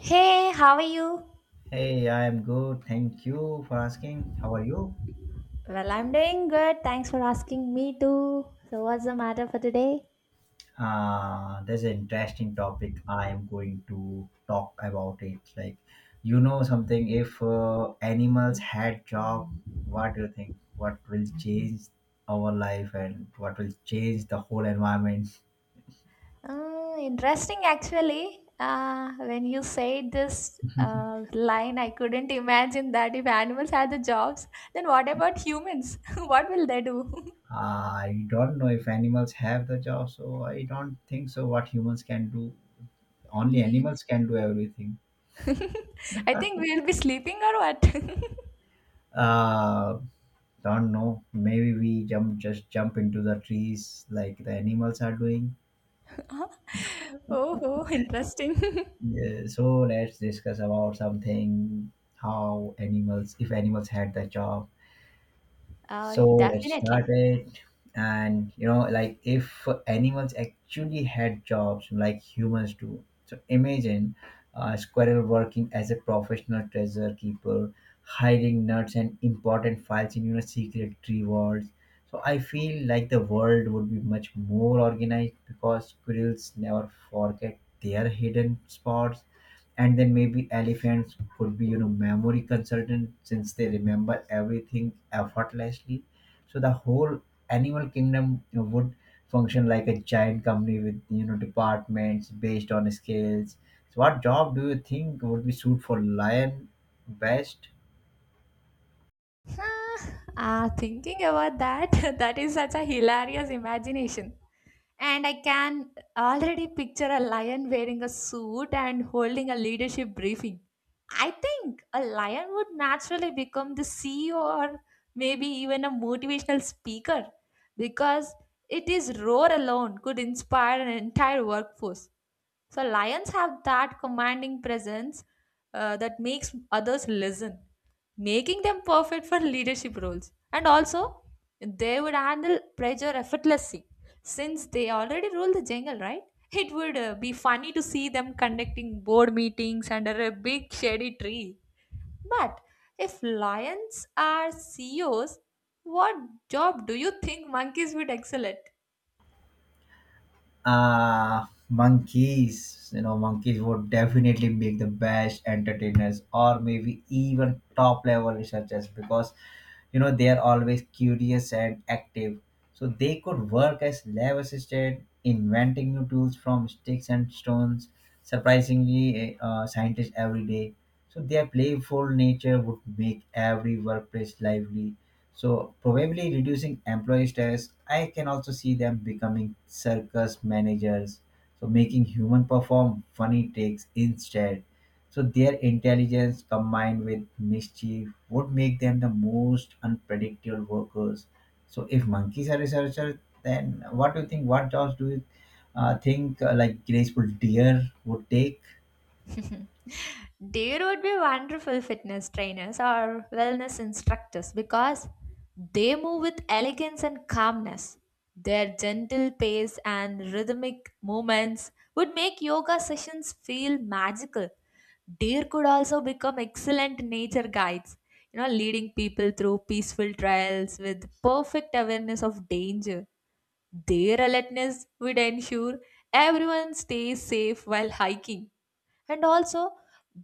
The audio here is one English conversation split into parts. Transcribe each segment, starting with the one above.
Hey, how are you? Hey, I am good. Thank you for asking. How are you? Well, I'm doing good. Thanks for asking me too. So, what's the matter for today? There's an interesting topic I am going to talk about it. Like, you know something, if animals had job, what do you think? What will change our life and what will change the whole environment? Mm, interesting, actually. When you said this uh, line, I couldn't imagine that if animals had the jobs, then what about humans? What will they do? I don't know if animals have the job, so I don't think so. What humans can do, only Ye- animals can do everything. I think we'll be sleeping or what? Uh, Don't know. Maybe we jump, just jump into the trees like the animals are doing. oh, oh, interesting. Yeah, so let's discuss about something how animals, if animals had the job. So let's start Definitely. it. And you know, like if animals actually had jobs like humans do. So imagine a squirrel working as a professional treasure keeper, hiding nuts and important files in secret tree vaults. So I feel like the world would be much more organized because squirrels never forget their hidden spots, and then maybe elephants could be, you know, memory consultant since they remember everything effortlessly. So the whole animal kingdom, you know, would function like a giant company with, you know, departments based on scales. So what job do you think would be suit for lion best? Ah, ah, thinking about that, that is such a hilarious imagination. And I can already picture a lion wearing a suit and holding a leadership briefing. I think a lion would naturally become the CEO or maybe even a motivational speaker because it is roar alone could inspire an entire workforce. So lions have that commanding presence that makes others listen, making them perfect for leadership roles. And also, they would handle pressure effortlessly since they already rule the jungle, right? It would be funny to see them conducting board meetings under a big shady tree. But if lions are CEOs, what job do you think monkeys would excel at? uh Monkeys, you know, monkeys would definitely make the best entertainers or maybe even top level researchers because, you know, they are always curious and active. So they could work as lab assistant inventing new tools from sticks and stones, surprisingly scientists every day. So their playful nature would make every workplace lively, so probably reducing employee stress. I can also see them becoming circus managers. So making human perform funny tricks instead. So their intelligence combined with mischief would make them the most unpredictable workers. So if monkeys are researchers, then what do you think? What jobs do you think, like graceful deer would take? There would be wonderful fitness trainers or wellness instructors because they move with elegance and calmness. Their gentle pace and rhythmic movements would make yoga sessions feel magical. Deer could also become excellent nature guides, leading people through peaceful trails with perfect awareness of danger. Their alertness would ensure everyone stays safe while hiking. And also,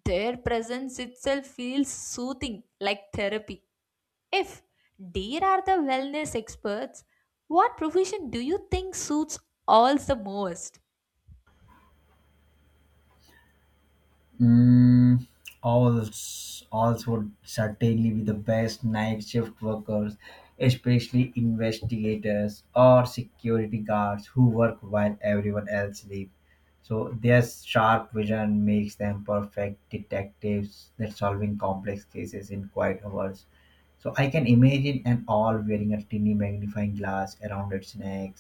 their presence itself feels soothing like therapy. If deer are the wellness experts, what profession do you think suits all the most? Mm, alls would certainly be the best night shift workers, especially investigators or security guards who work while everyone else sleeps. So their sharp vision makes them perfect detectives that solving complex cases in quiet hours. So I can imagine an owl wearing a tiny magnifying glass around its neck,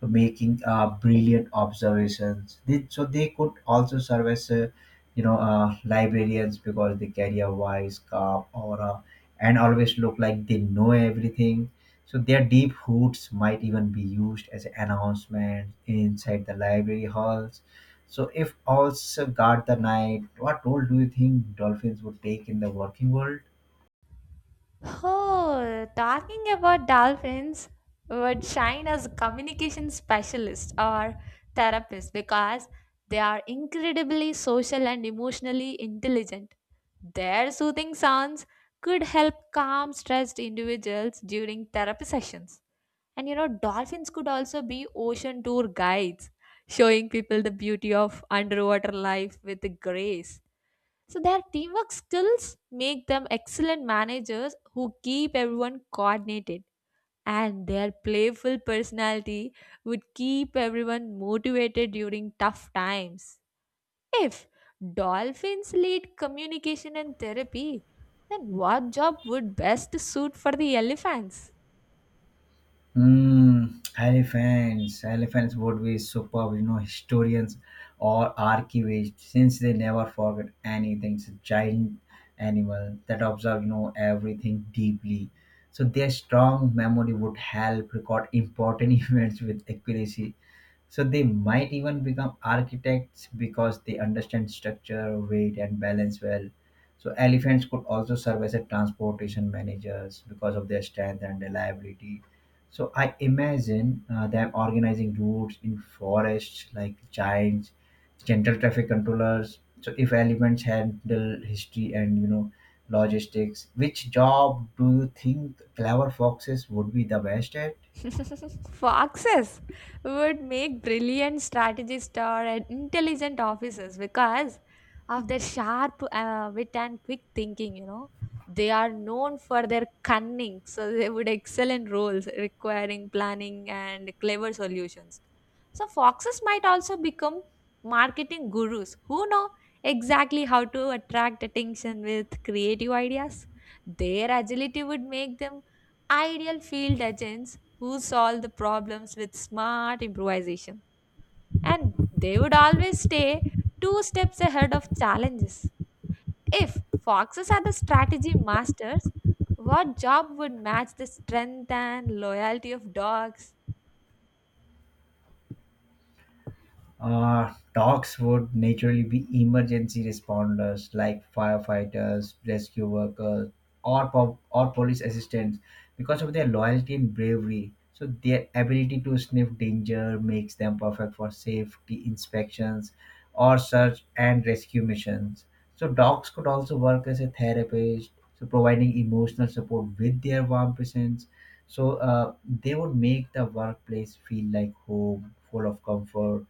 so making brilliant observations. So they could also serve as, librarians because they carry a wise, calm aura and always look like they know everything. So their deep roots might even be used as announcements inside the library halls. So if owls guard the night, what role do you think dolphins would take in the working world? Oh, talking about dolphins would shine as communication specialist or therapist because they are incredibly social and emotionally intelligent. Their soothing sounds could help calm stressed individuals during therapy sessions. And dolphins could also be ocean tour guides, showing people the beauty of underwater life with grace. So their teamwork skills make them excellent managers who keep everyone coordinated, and their playful personality would keep everyone motivated during tough times. If dolphins lead communication and therapy, then what job would best suit for the elephants? Mm, elephants. Elephants would be superb, you know, historians or archivists, since they never forget anything. It's a giant animal that observes, you know, everything deeply. So their strong memory would help record important events with accuracy, so they might even become architects because they understand structure, weight, and balance well. So elephants could also serve as a transportation managers because of their strength and reliability. So I imagine them organizing routes in forests like giants, gentle traffic controllers. So if elephants handle history and, you know, logistics, which job do you think clever foxes would be the best at? Foxes would make brilliant strategists or intelligent officers because of their sharp wit and quick thinking. They are known for their cunning, so they would excel in roles requiring planning and clever solutions. So foxes might also become marketing gurus who know exactly how to attract attention with creative ideas. Their agility would make them ideal field agents who solved the problems with smart improvisation. And they would always stay two steps ahead of challenges. If foxes are the strategy masters, what job would match the strength and loyalty of dogs? Dogs would naturally be emergency responders like firefighters, rescue workers, or police assistants because of their loyalty and bravery. So their ability to sniff danger makes them perfect for safety inspections or search and rescue missions. So dogs could also work as a therapist, so providing emotional support with their warm presence. So, they would make the workplace feel like home, full of comfort.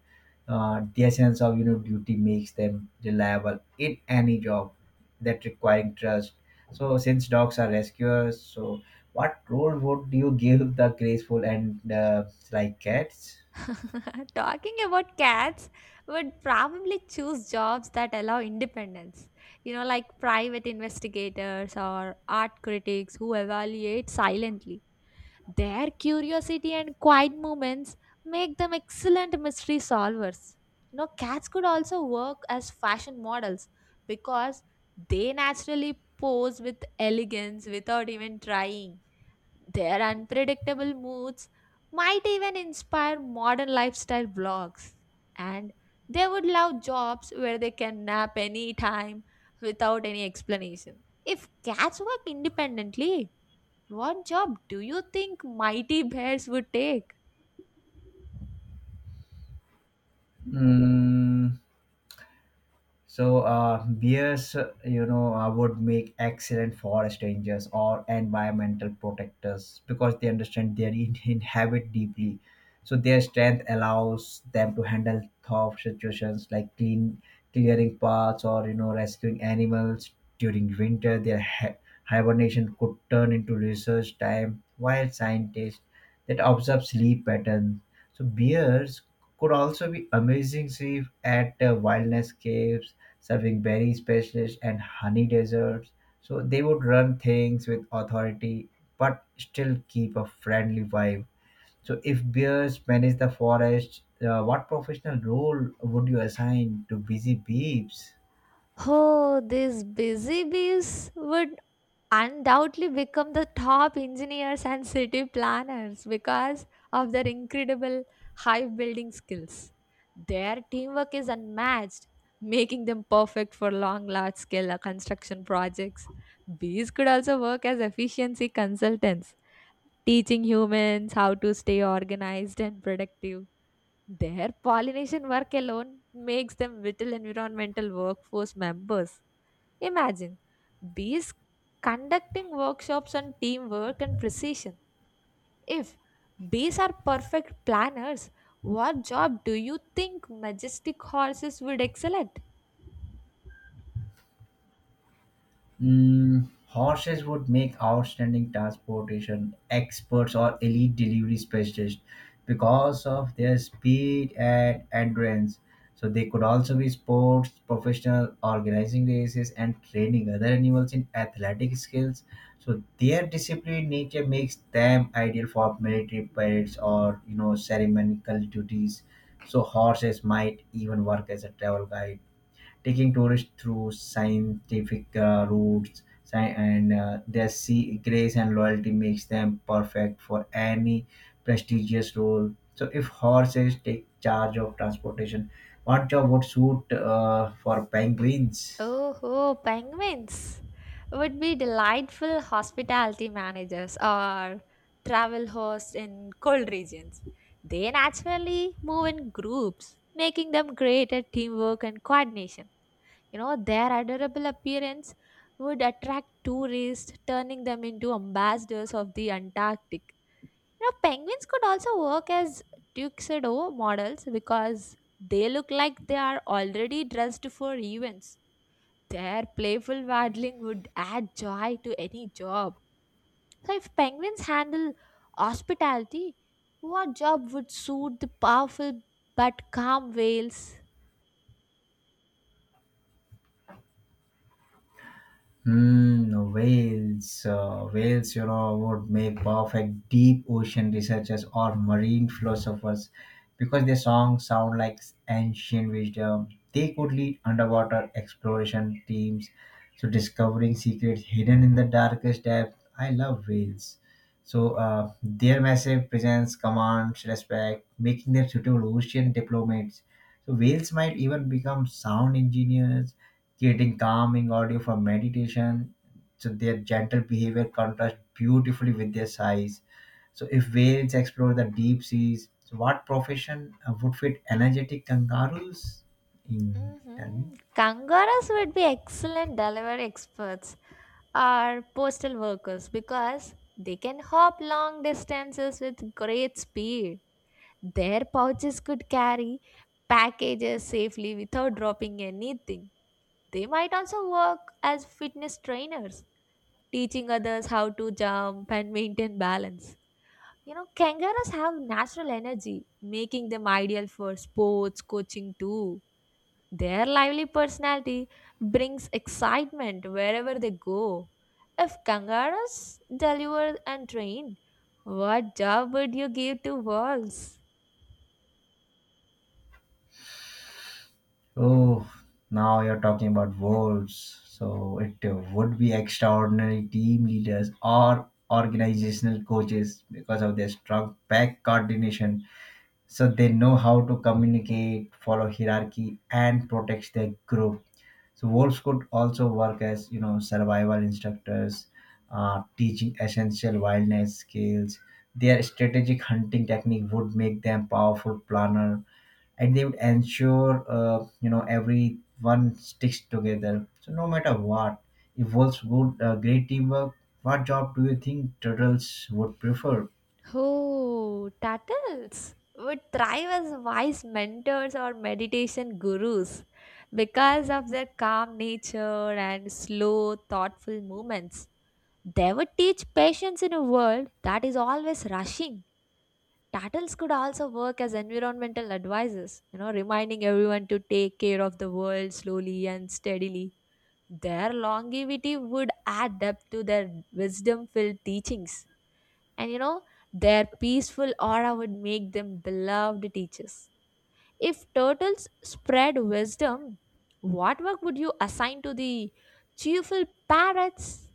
The essence of, you know, duty makes them reliable in any job that requiring trust. So since dogs are rescuers, so what role would you give the graceful and, like cats? Talking about cats, would probably choose jobs that allow independence. You know, like private investigators or art critics who evaluate silently. Their curiosity and quiet moments make them excellent mystery solvers. You know, cats could also work as fashion models because they naturally pose with elegance without even trying. Their unpredictable moods might even inspire modern lifestyle blogs. And they would love jobs where they can nap any time without any explanation. If cats work independently, what job do you think mighty bears would take? Mm, so bears, would make excellent forest rangers or environmental protectors because they understand their inhabit deeply. So their strength allows them to handle tough situations like clean clearing paths or, you know, rescuing animals during winter. Their hibernation could turn into research time. While scientists that observe sleep patterns, so bears could also be amazing safe at wilderness caves serving berry specialists and honey desserts. So they would run things with authority but still keep a friendly vibe. So if bears manage the forest, what professional role would you assign to busy beeps? Oh, these busy bees would undoubtedly become the top engineers and city planners because of their incredible hive building skills. Their teamwork is unmatched, making them perfect for long, large scale construction projects. Bees could also work as efficiency consultants, teaching humans how to stay organized and productive. Their pollination work alone makes them vital environmental workforce members. Imagine bees conducting workshops on teamwork and precision. If bees are perfect planners, what job do you think majestic horses would excel at? Mm, horses would make outstanding transportation experts or elite delivery specialists because of their speed and endurance. So they could also be sports professional, organizing races, and training other animals in athletic skills. So their disciplined nature makes them ideal for military parades or, you know, ceremonial duties. So horses might even work as a travel guide taking tourists through scientific routes and their sea grace and loyalty makes them perfect for any prestigious role. So if horses take charge of transportation, what job would suit, for penguins? Oh, penguins would be delightful hospitality managers or travel hosts in cold regions. They naturally move in groups, making them great at teamwork and coordination. You know, their adorable appearance would attract tourists, turning them into ambassadors of the Antarctic. You know, penguins could also work as tuxedo models because they look like they are already dressed for events. Their playful waddling would add joy to any job. So, if penguins handle hospitality, what job would suit the powerful but calm whales? Mm, whales, whales, you know, would make perfect deep ocean researchers or marine philosophers because their songs sound like ancient wisdom. They could lead underwater exploration teams, so discovering secrets hidden in the darkest depth. I love whales. So their massive presence commands respect, making them suitable ocean diplomats. So whales might even become sound engineers creating calming audio for meditation. So their gentle behavior contrasts beautifully with their size. So if whales explore the deep seas, so what profession would fit energetic kangaroos? In tell me. Hmm, Kangaroos would be excellent delivery experts or postal workers because they can hop long distances with great speed. Their pouches could carry packages safely without dropping anything. They might also work as fitness trainers teaching others how to jump and maintain balance. You know, kangaroos have natural energy, making them ideal for sports coaching too. Their lively personality brings excitement wherever they go. If kangaroos delivered and trained, what job would you give to wolves? Oh, now you're talking about wolves. So it would be extraordinary team leaders or organizational coaches because of their strong back coordination. So they know how to communicate, follow hierarchy, and protect their group. So wolves could also work as, you know, survival instructors teaching essential wilderness skills. Their strategic hunting technique would make them powerful planner, and they would ensure, you know, everyone sticks together so no matter what. If wolves would great teamwork, what job do you think turtles would prefer? Oh, Tattles would thrive as wise mentors or meditation gurus because of their calm nature and slow, thoughtful movements. They would teach patience in a world that is always rushing. Tattles could also work as environmental advisors, reminding everyone to take care of the world slowly and steadily. Their longevity would add depth to their wisdom filled teachings, and their peaceful aura would make them beloved teachers. If turtles spread wisdom, what work would you assign to the cheerful parrots?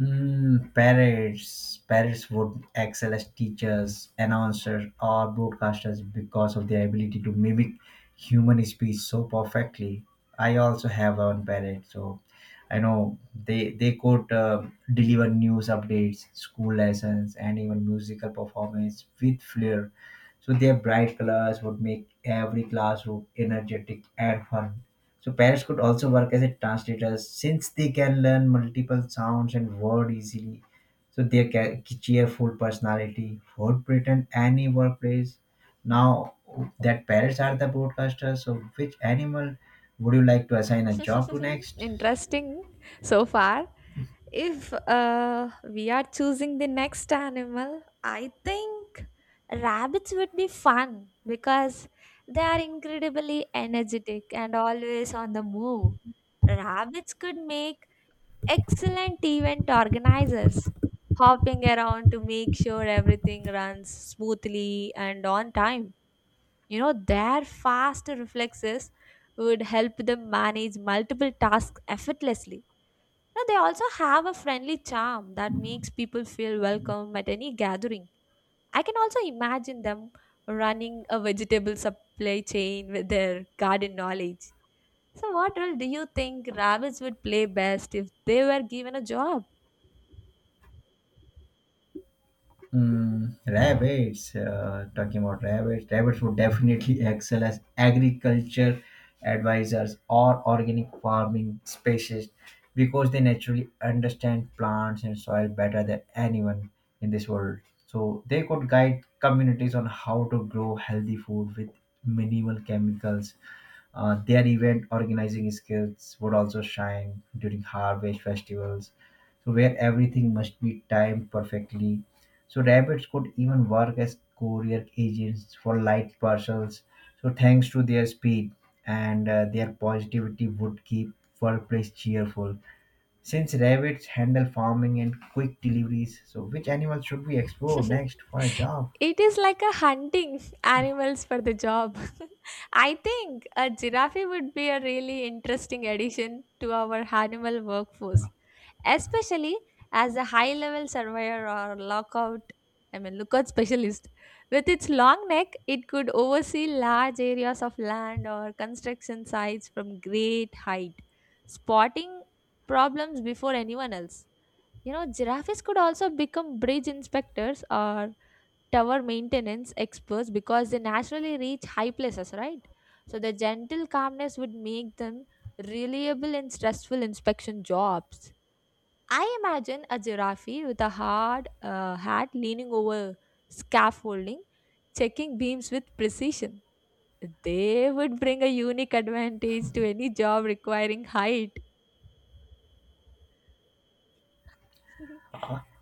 Mm, parrots. Parrots would excel as teachers, announcers, or broadcasters because of their ability to mimic human speech so perfectly. I also have one parrot, so I know they could deliver news updates, school lessons, and even musical performance with flair. So their bright colors would make every classroom energetic and fun. So parrots could also work as a translators since they can learn multiple sounds and word easily. So their cheerful personality would pretend any workplace. Now that parrots are the broadcasters, so which animal would you like to assign a job to next? Interesting so far. If we are choosing the next animal, I think rabbits would be fun because they are incredibly energetic and always on the move. Rabbits could make excellent event organizers, hopping around to make sure everything runs smoothly and on time. You know, their fast reflexes would help them manage multiple tasks effortlessly. Now they also have a friendly charm that makes people feel welcome at any gathering. I can also imagine them running a vegetable supply chain with their garden knowledge. So, what role do you think rabbits would play best if they were given a job? Mm, rabbits, talking about rabbits, rabbits would definitely excel as agriculture advisors or organic farming species because they naturally understand plants and soil better than anyone in this world. So they could guide communities on how to grow healthy food with minimal chemicals. Their event organizing skills would also shine during harvest festivals, so where everything must be timed perfectly. So rabbits could even work as courier agents for light parcels, so thanks to their speed, and their positivity would keep workplace cheerful. Since rabbits handle farming and quick deliveries, so which animal should we explore next for a job? It is like a hunting animals for the job. I think a giraffe would be a really interesting addition to our animal workforce, especially as a high level surveyor or lockout, I mean, lookout specialist. With its long neck, it could oversee large areas of land or construction sites from great height, spotting problems before anyone else. You know, giraffes could also become bridge inspectors or tower maintenance experts because they naturally reach high places, right? So the gentle calmness would make them reliable in stressful inspection jobs. I imagine a giraffe with a hard hat leaning over scaffolding, checking beams with precision. They would bring a unique advantage to any job requiring height.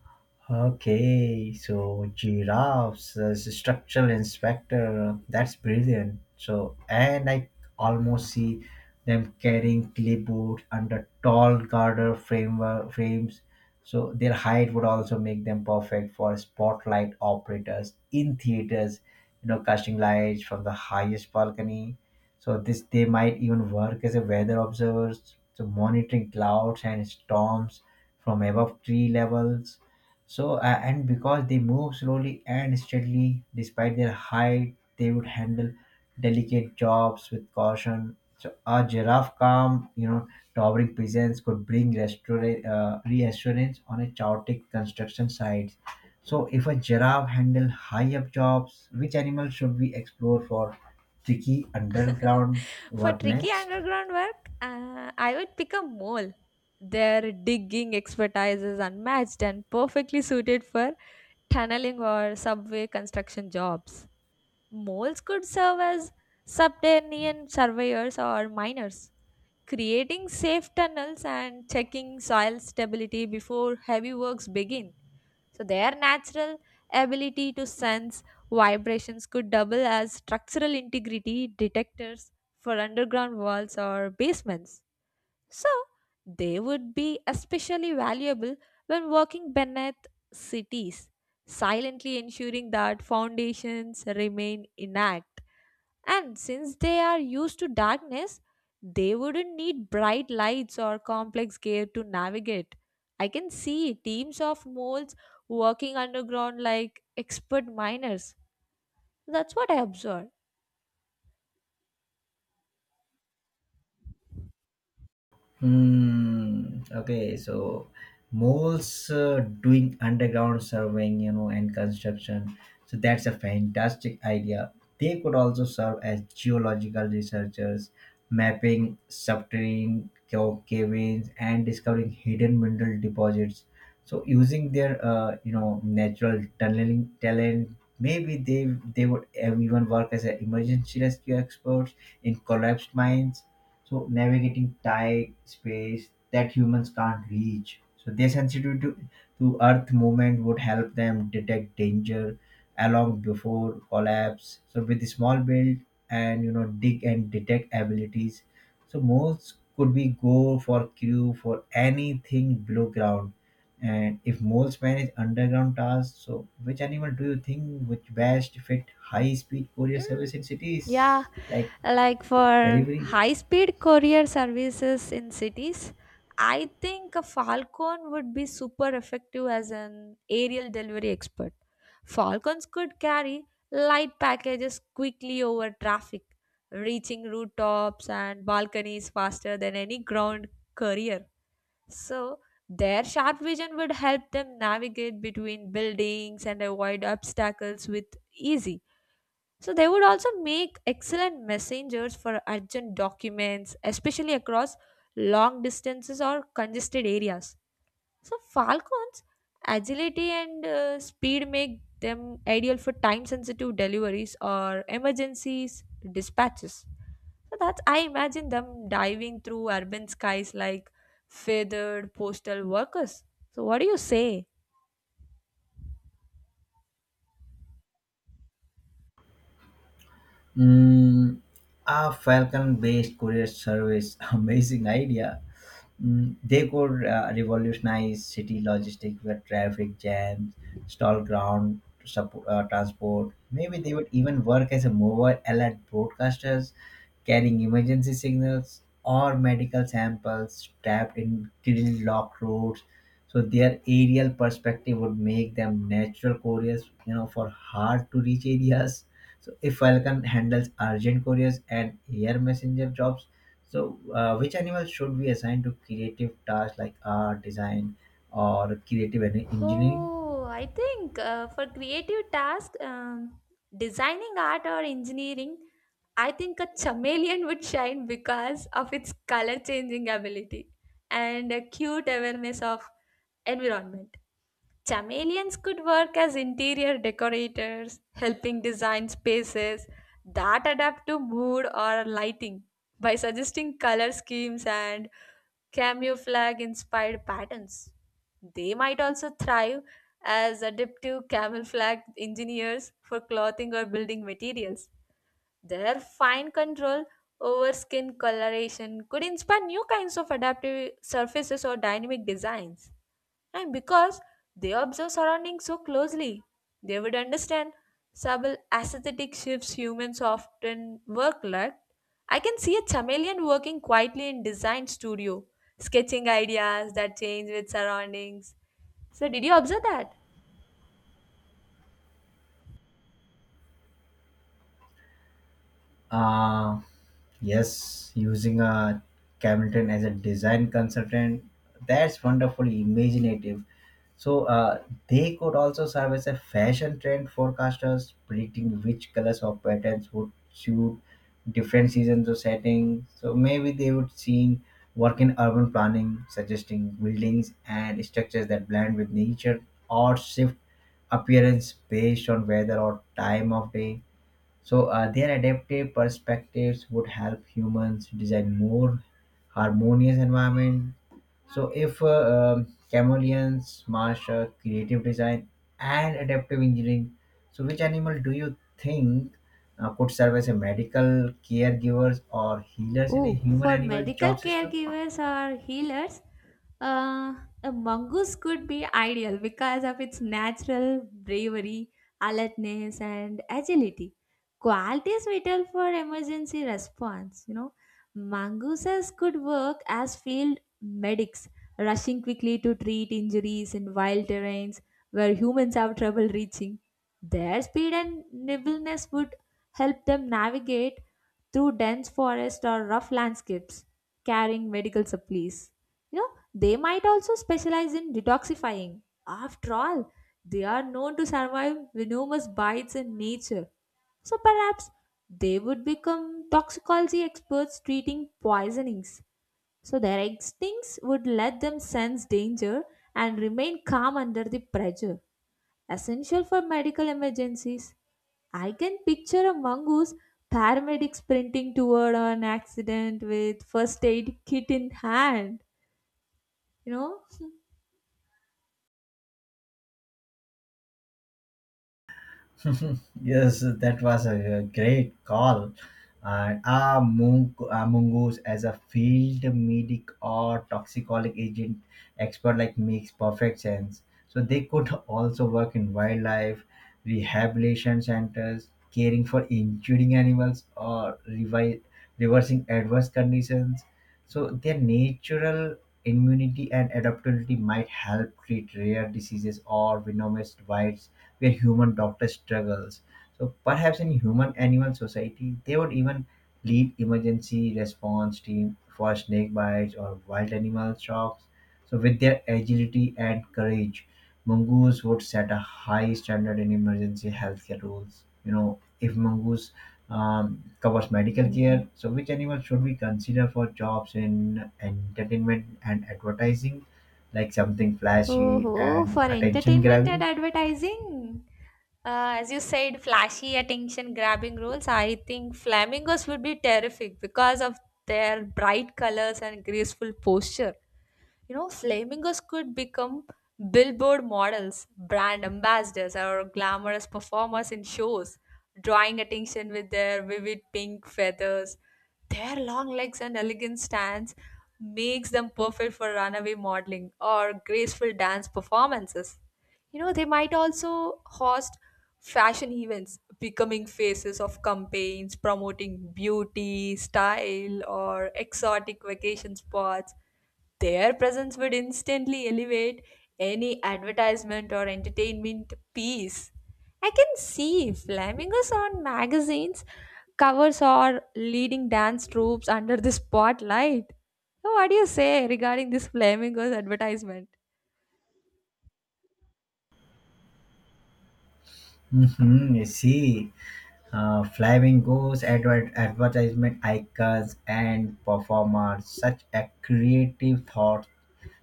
Okay, so giraffes as a structural inspector, that's brilliant. So, and I almost see them carrying clipboards under tall garter framework frames. So their height would also make them perfect for spotlight operators in theaters, you know, casting lights from the highest balcony. So this they might even work as a weather observers, so monitoring clouds and storms from above tree levels. So, and because they move slowly and steadily, despite their height, they would handle delicate jobs with caution. So a giraffe calm, you know, towering presence could bring reassurance on a chaotic construction site. So, if a giraffe handle high up jobs, which animal should we explore for tricky underground For work tricky next? underground work, I would pick a mole. Their digging expertise is unmatched and perfectly suited for tunneling or subway construction jobs. Moles could serve as subterranean surveyors or miners, creating safe tunnels and checking soil stability before heavy works begin. So, their natural ability to sense vibrations could double as structural integrity detectors for underground walls or basements. So, they would be especially valuable when working beneath cities, silently ensuring that foundations remain intact. And since they are used to darkness, they wouldn't need bright lights or complex gear to navigate. I can see teams of moles working underground like expert miners. That's what I observed. Hmm. Okay. So malls doing underground surveying, you know, and construction. So that's a fantastic idea. They could also serve as geological researchers, mapping subterranean caverns and discovering hidden mineral deposits. So using their, you know, natural tunneling talent, maybe they would even work as an emergency rescue experts in collapsed mines, so navigating tight space that humans can't reach. So their sensitivity to earth movement would help them detect danger along before collapse. So with the small build and, you know, dig and detect abilities, so most could be go for crew for anything below ground. And if moles manage underground tasks, so which animal do you think would best fit high speed courier service in cities Yeah, like like for delivery? high-speed courier services in cities, I think a Falcon would be super effective as an aerial delivery expert. Falcons could carry light packages quickly over traffic, reaching rooftops and balconies faster than any ground courier. So, their sharp vision would help them navigate between buildings and avoid obstacles with ease. So they would also make excellent messengers for urgent documents, especially across long distances or congested areas. So falcons' agility and speed make them ideal for time-sensitive deliveries or emergencies dispatches. So that's I imagine them diving through urban skies like feathered postal workers. So what do you say? Mm, a Falcon based courier service, amazing idea. Mm, they could revolutionize city logistics with traffic jams, stall ground support, transport. Maybe they would even work as a mobile alert broadcasters, carrying emergency signals or medical samples trapped in grill locked roads. So their aerial perspective would make them natural couriers, you know, for hard to reach areas. So if Falcon handles urgent couriers and air messenger jobs, so, which animal should we assign to creative tasks like art, design, or creative engineering? Oh, I think for creative tasks, designing art or engineering, I think a chameleon would shine because of its color changing ability and a cute awareness of environment. Chameleons could work as interior decorators, helping design spaces that adapt to mood or lighting by suggesting color schemes and camouflage inspired patterns. They might also thrive as adaptive camouflage engineers for clothing or building materials. Their fine control over skin coloration could inspire new kinds of adaptive surfaces or dynamic designs. And because they observe surroundings so closely, they would understand subtle aesthetic shifts humans often work like. I can see a chameleon working quietly in design studio, sketching ideas that change with surroundings. So did you observe that? Uh, yes, using a Camilton as a design consultant, that's wonderfully imaginative. So they could also serve as a fashion trend forecasters, predicting which colors or patterns would suit different seasons or settings. So maybe they would seen work in urban planning, suggesting buildings and structures that blend with nature or shift appearance based on weather or time of day. So their adaptive perspectives would help humans design more harmonious environment. So if chameleons master creative design and adaptive engineering, so which animal do you think could serve as a medical caregivers or healers in a Oh, for human-animal medical job system? caregivers or healers, uh, a mongoose could be ideal because of its natural bravery, alertness, and agility. Qualities vital for emergency response. You know, mongooses could work as field medics, rushing quickly to treat injuries in wild terrains where humans have trouble reaching. Their speed and nimbleness would help them navigate through dense forest or rough landscapes, carrying medical supplies. You know, they might also specialize in detoxifying. After all, they are known to survive venomous bites in nature. So perhaps they would become toxicology experts treating poisonings. So their instincts would let them sense danger and remain calm under the pressure essential for medical emergencies. I can picture a mongoose paramedic sprinting toward an accident with first aid kit in hand. You know? Yes, that was a great call. And are mongoose as a field medic or toxicology agent expert like makes perfect sense. So they could also work in wildlife rehabilitation centers, caring for injuring animals or reversing adverse conditions. So their natural immunity and adaptability might help treat rare diseases or venomous wild where human doctor struggles. So perhaps in human animal society, they would even lead emergency response team for snake bites or wild animal shocks. So with their agility and courage, mongoose would set a high standard in emergency healthcare rules. You know, if mongoose covers medical care, so which animal should we consider for jobs in entertainment and advertising, like something flashy Oh, and for attention entertainment and grabbing? advertising. As you said, flashy, attention grabbing roles. I think flamingos would be terrific because of their bright colors and graceful posture. You know, flamingos could become billboard models, brand ambassadors, or glamorous performers in shows, drawing attention with their vivid pink feathers. Their long legs and elegant stance makes them perfect for runaway modeling or graceful dance performances. You know, they might also host fashion events, becoming faces of campaigns promoting beauty, style, or exotic vacation spots. Their presence would instantly elevate any advertisement or entertainment piece. I can see flamingos on magazines, covers, or leading dance troops under the spotlight. So, what do you say regarding this flamingos advertisement? Mhm, you see, flamingos, advertisement icons, and performers, such a creative thought.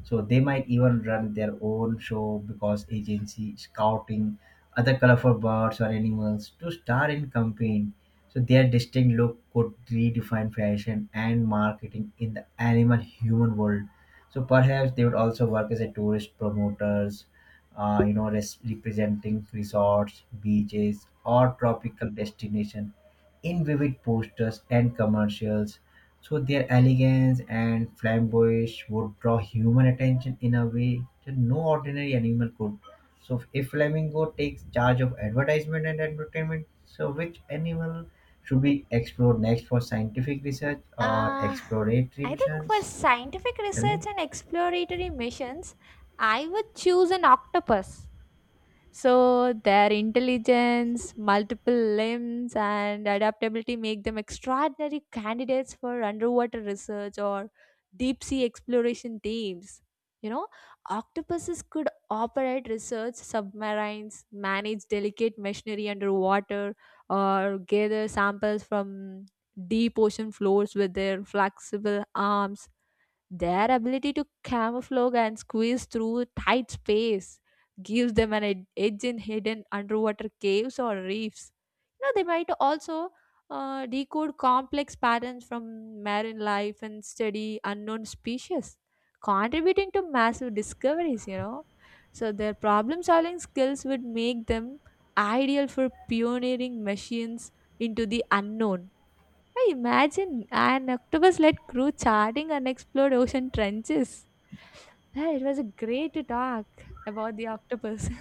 So they might even run their own show because agency scouting other colorful birds or animals to star in campaign. So their distinct look could redefine fashion and marketing in the animal human world. So perhaps they would also work as a tourist promoters, you know, representing resorts, beaches, or tropical destination in vivid posters and commercials. So their elegance and flamboyance would draw human attention in a way that no ordinary animal could. So if flamingo takes charge of advertisement and entertainment, so which animal should be explored next for scientific research or Uh, exploratory I think for missions? scientific Tell me. research and exploratory missions, I would choose an octopus. So their intelligence, multiple limbs, and adaptability make them extraordinary candidates for underwater research or deep sea exploration teams. You know, octopuses could operate research submarines, manage delicate machinery underwater, or gather samples from deep ocean floors with their flexible arms. Their ability to camouflage and squeeze through tight space gives them an edge in hidden underwater caves or reefs. You know, they might also decode complex patterns from marine life and study unknown species, contributing to massive discoveries, you know. So, their problem solving skills would make them ideal for pioneering machines into the unknown. I imagine an octopus led crew charting unexplored ocean trenches. Yeah, it was a great to talk about the octopus.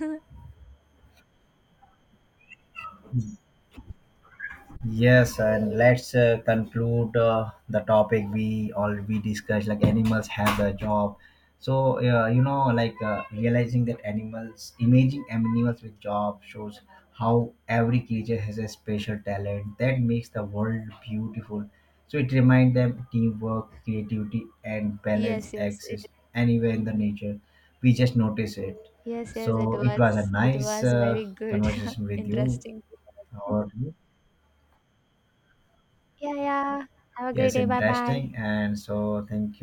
Yes, and let's conclude the topic we discussed. Like animals have a job, so, you know, like realizing that animals, imaging animals with job shows how every creature has a special talent that makes the world beautiful. So it reminds them teamwork, creativity, and balance Yes, yes, it exist anywhere in the nature. We just notice it. yes, yes, it So it was a was it nice was very good. conversation with you. Interesting. How about you? Yeah, yeah. Have a great Yes, day. Bye interesting. bye. And so, thank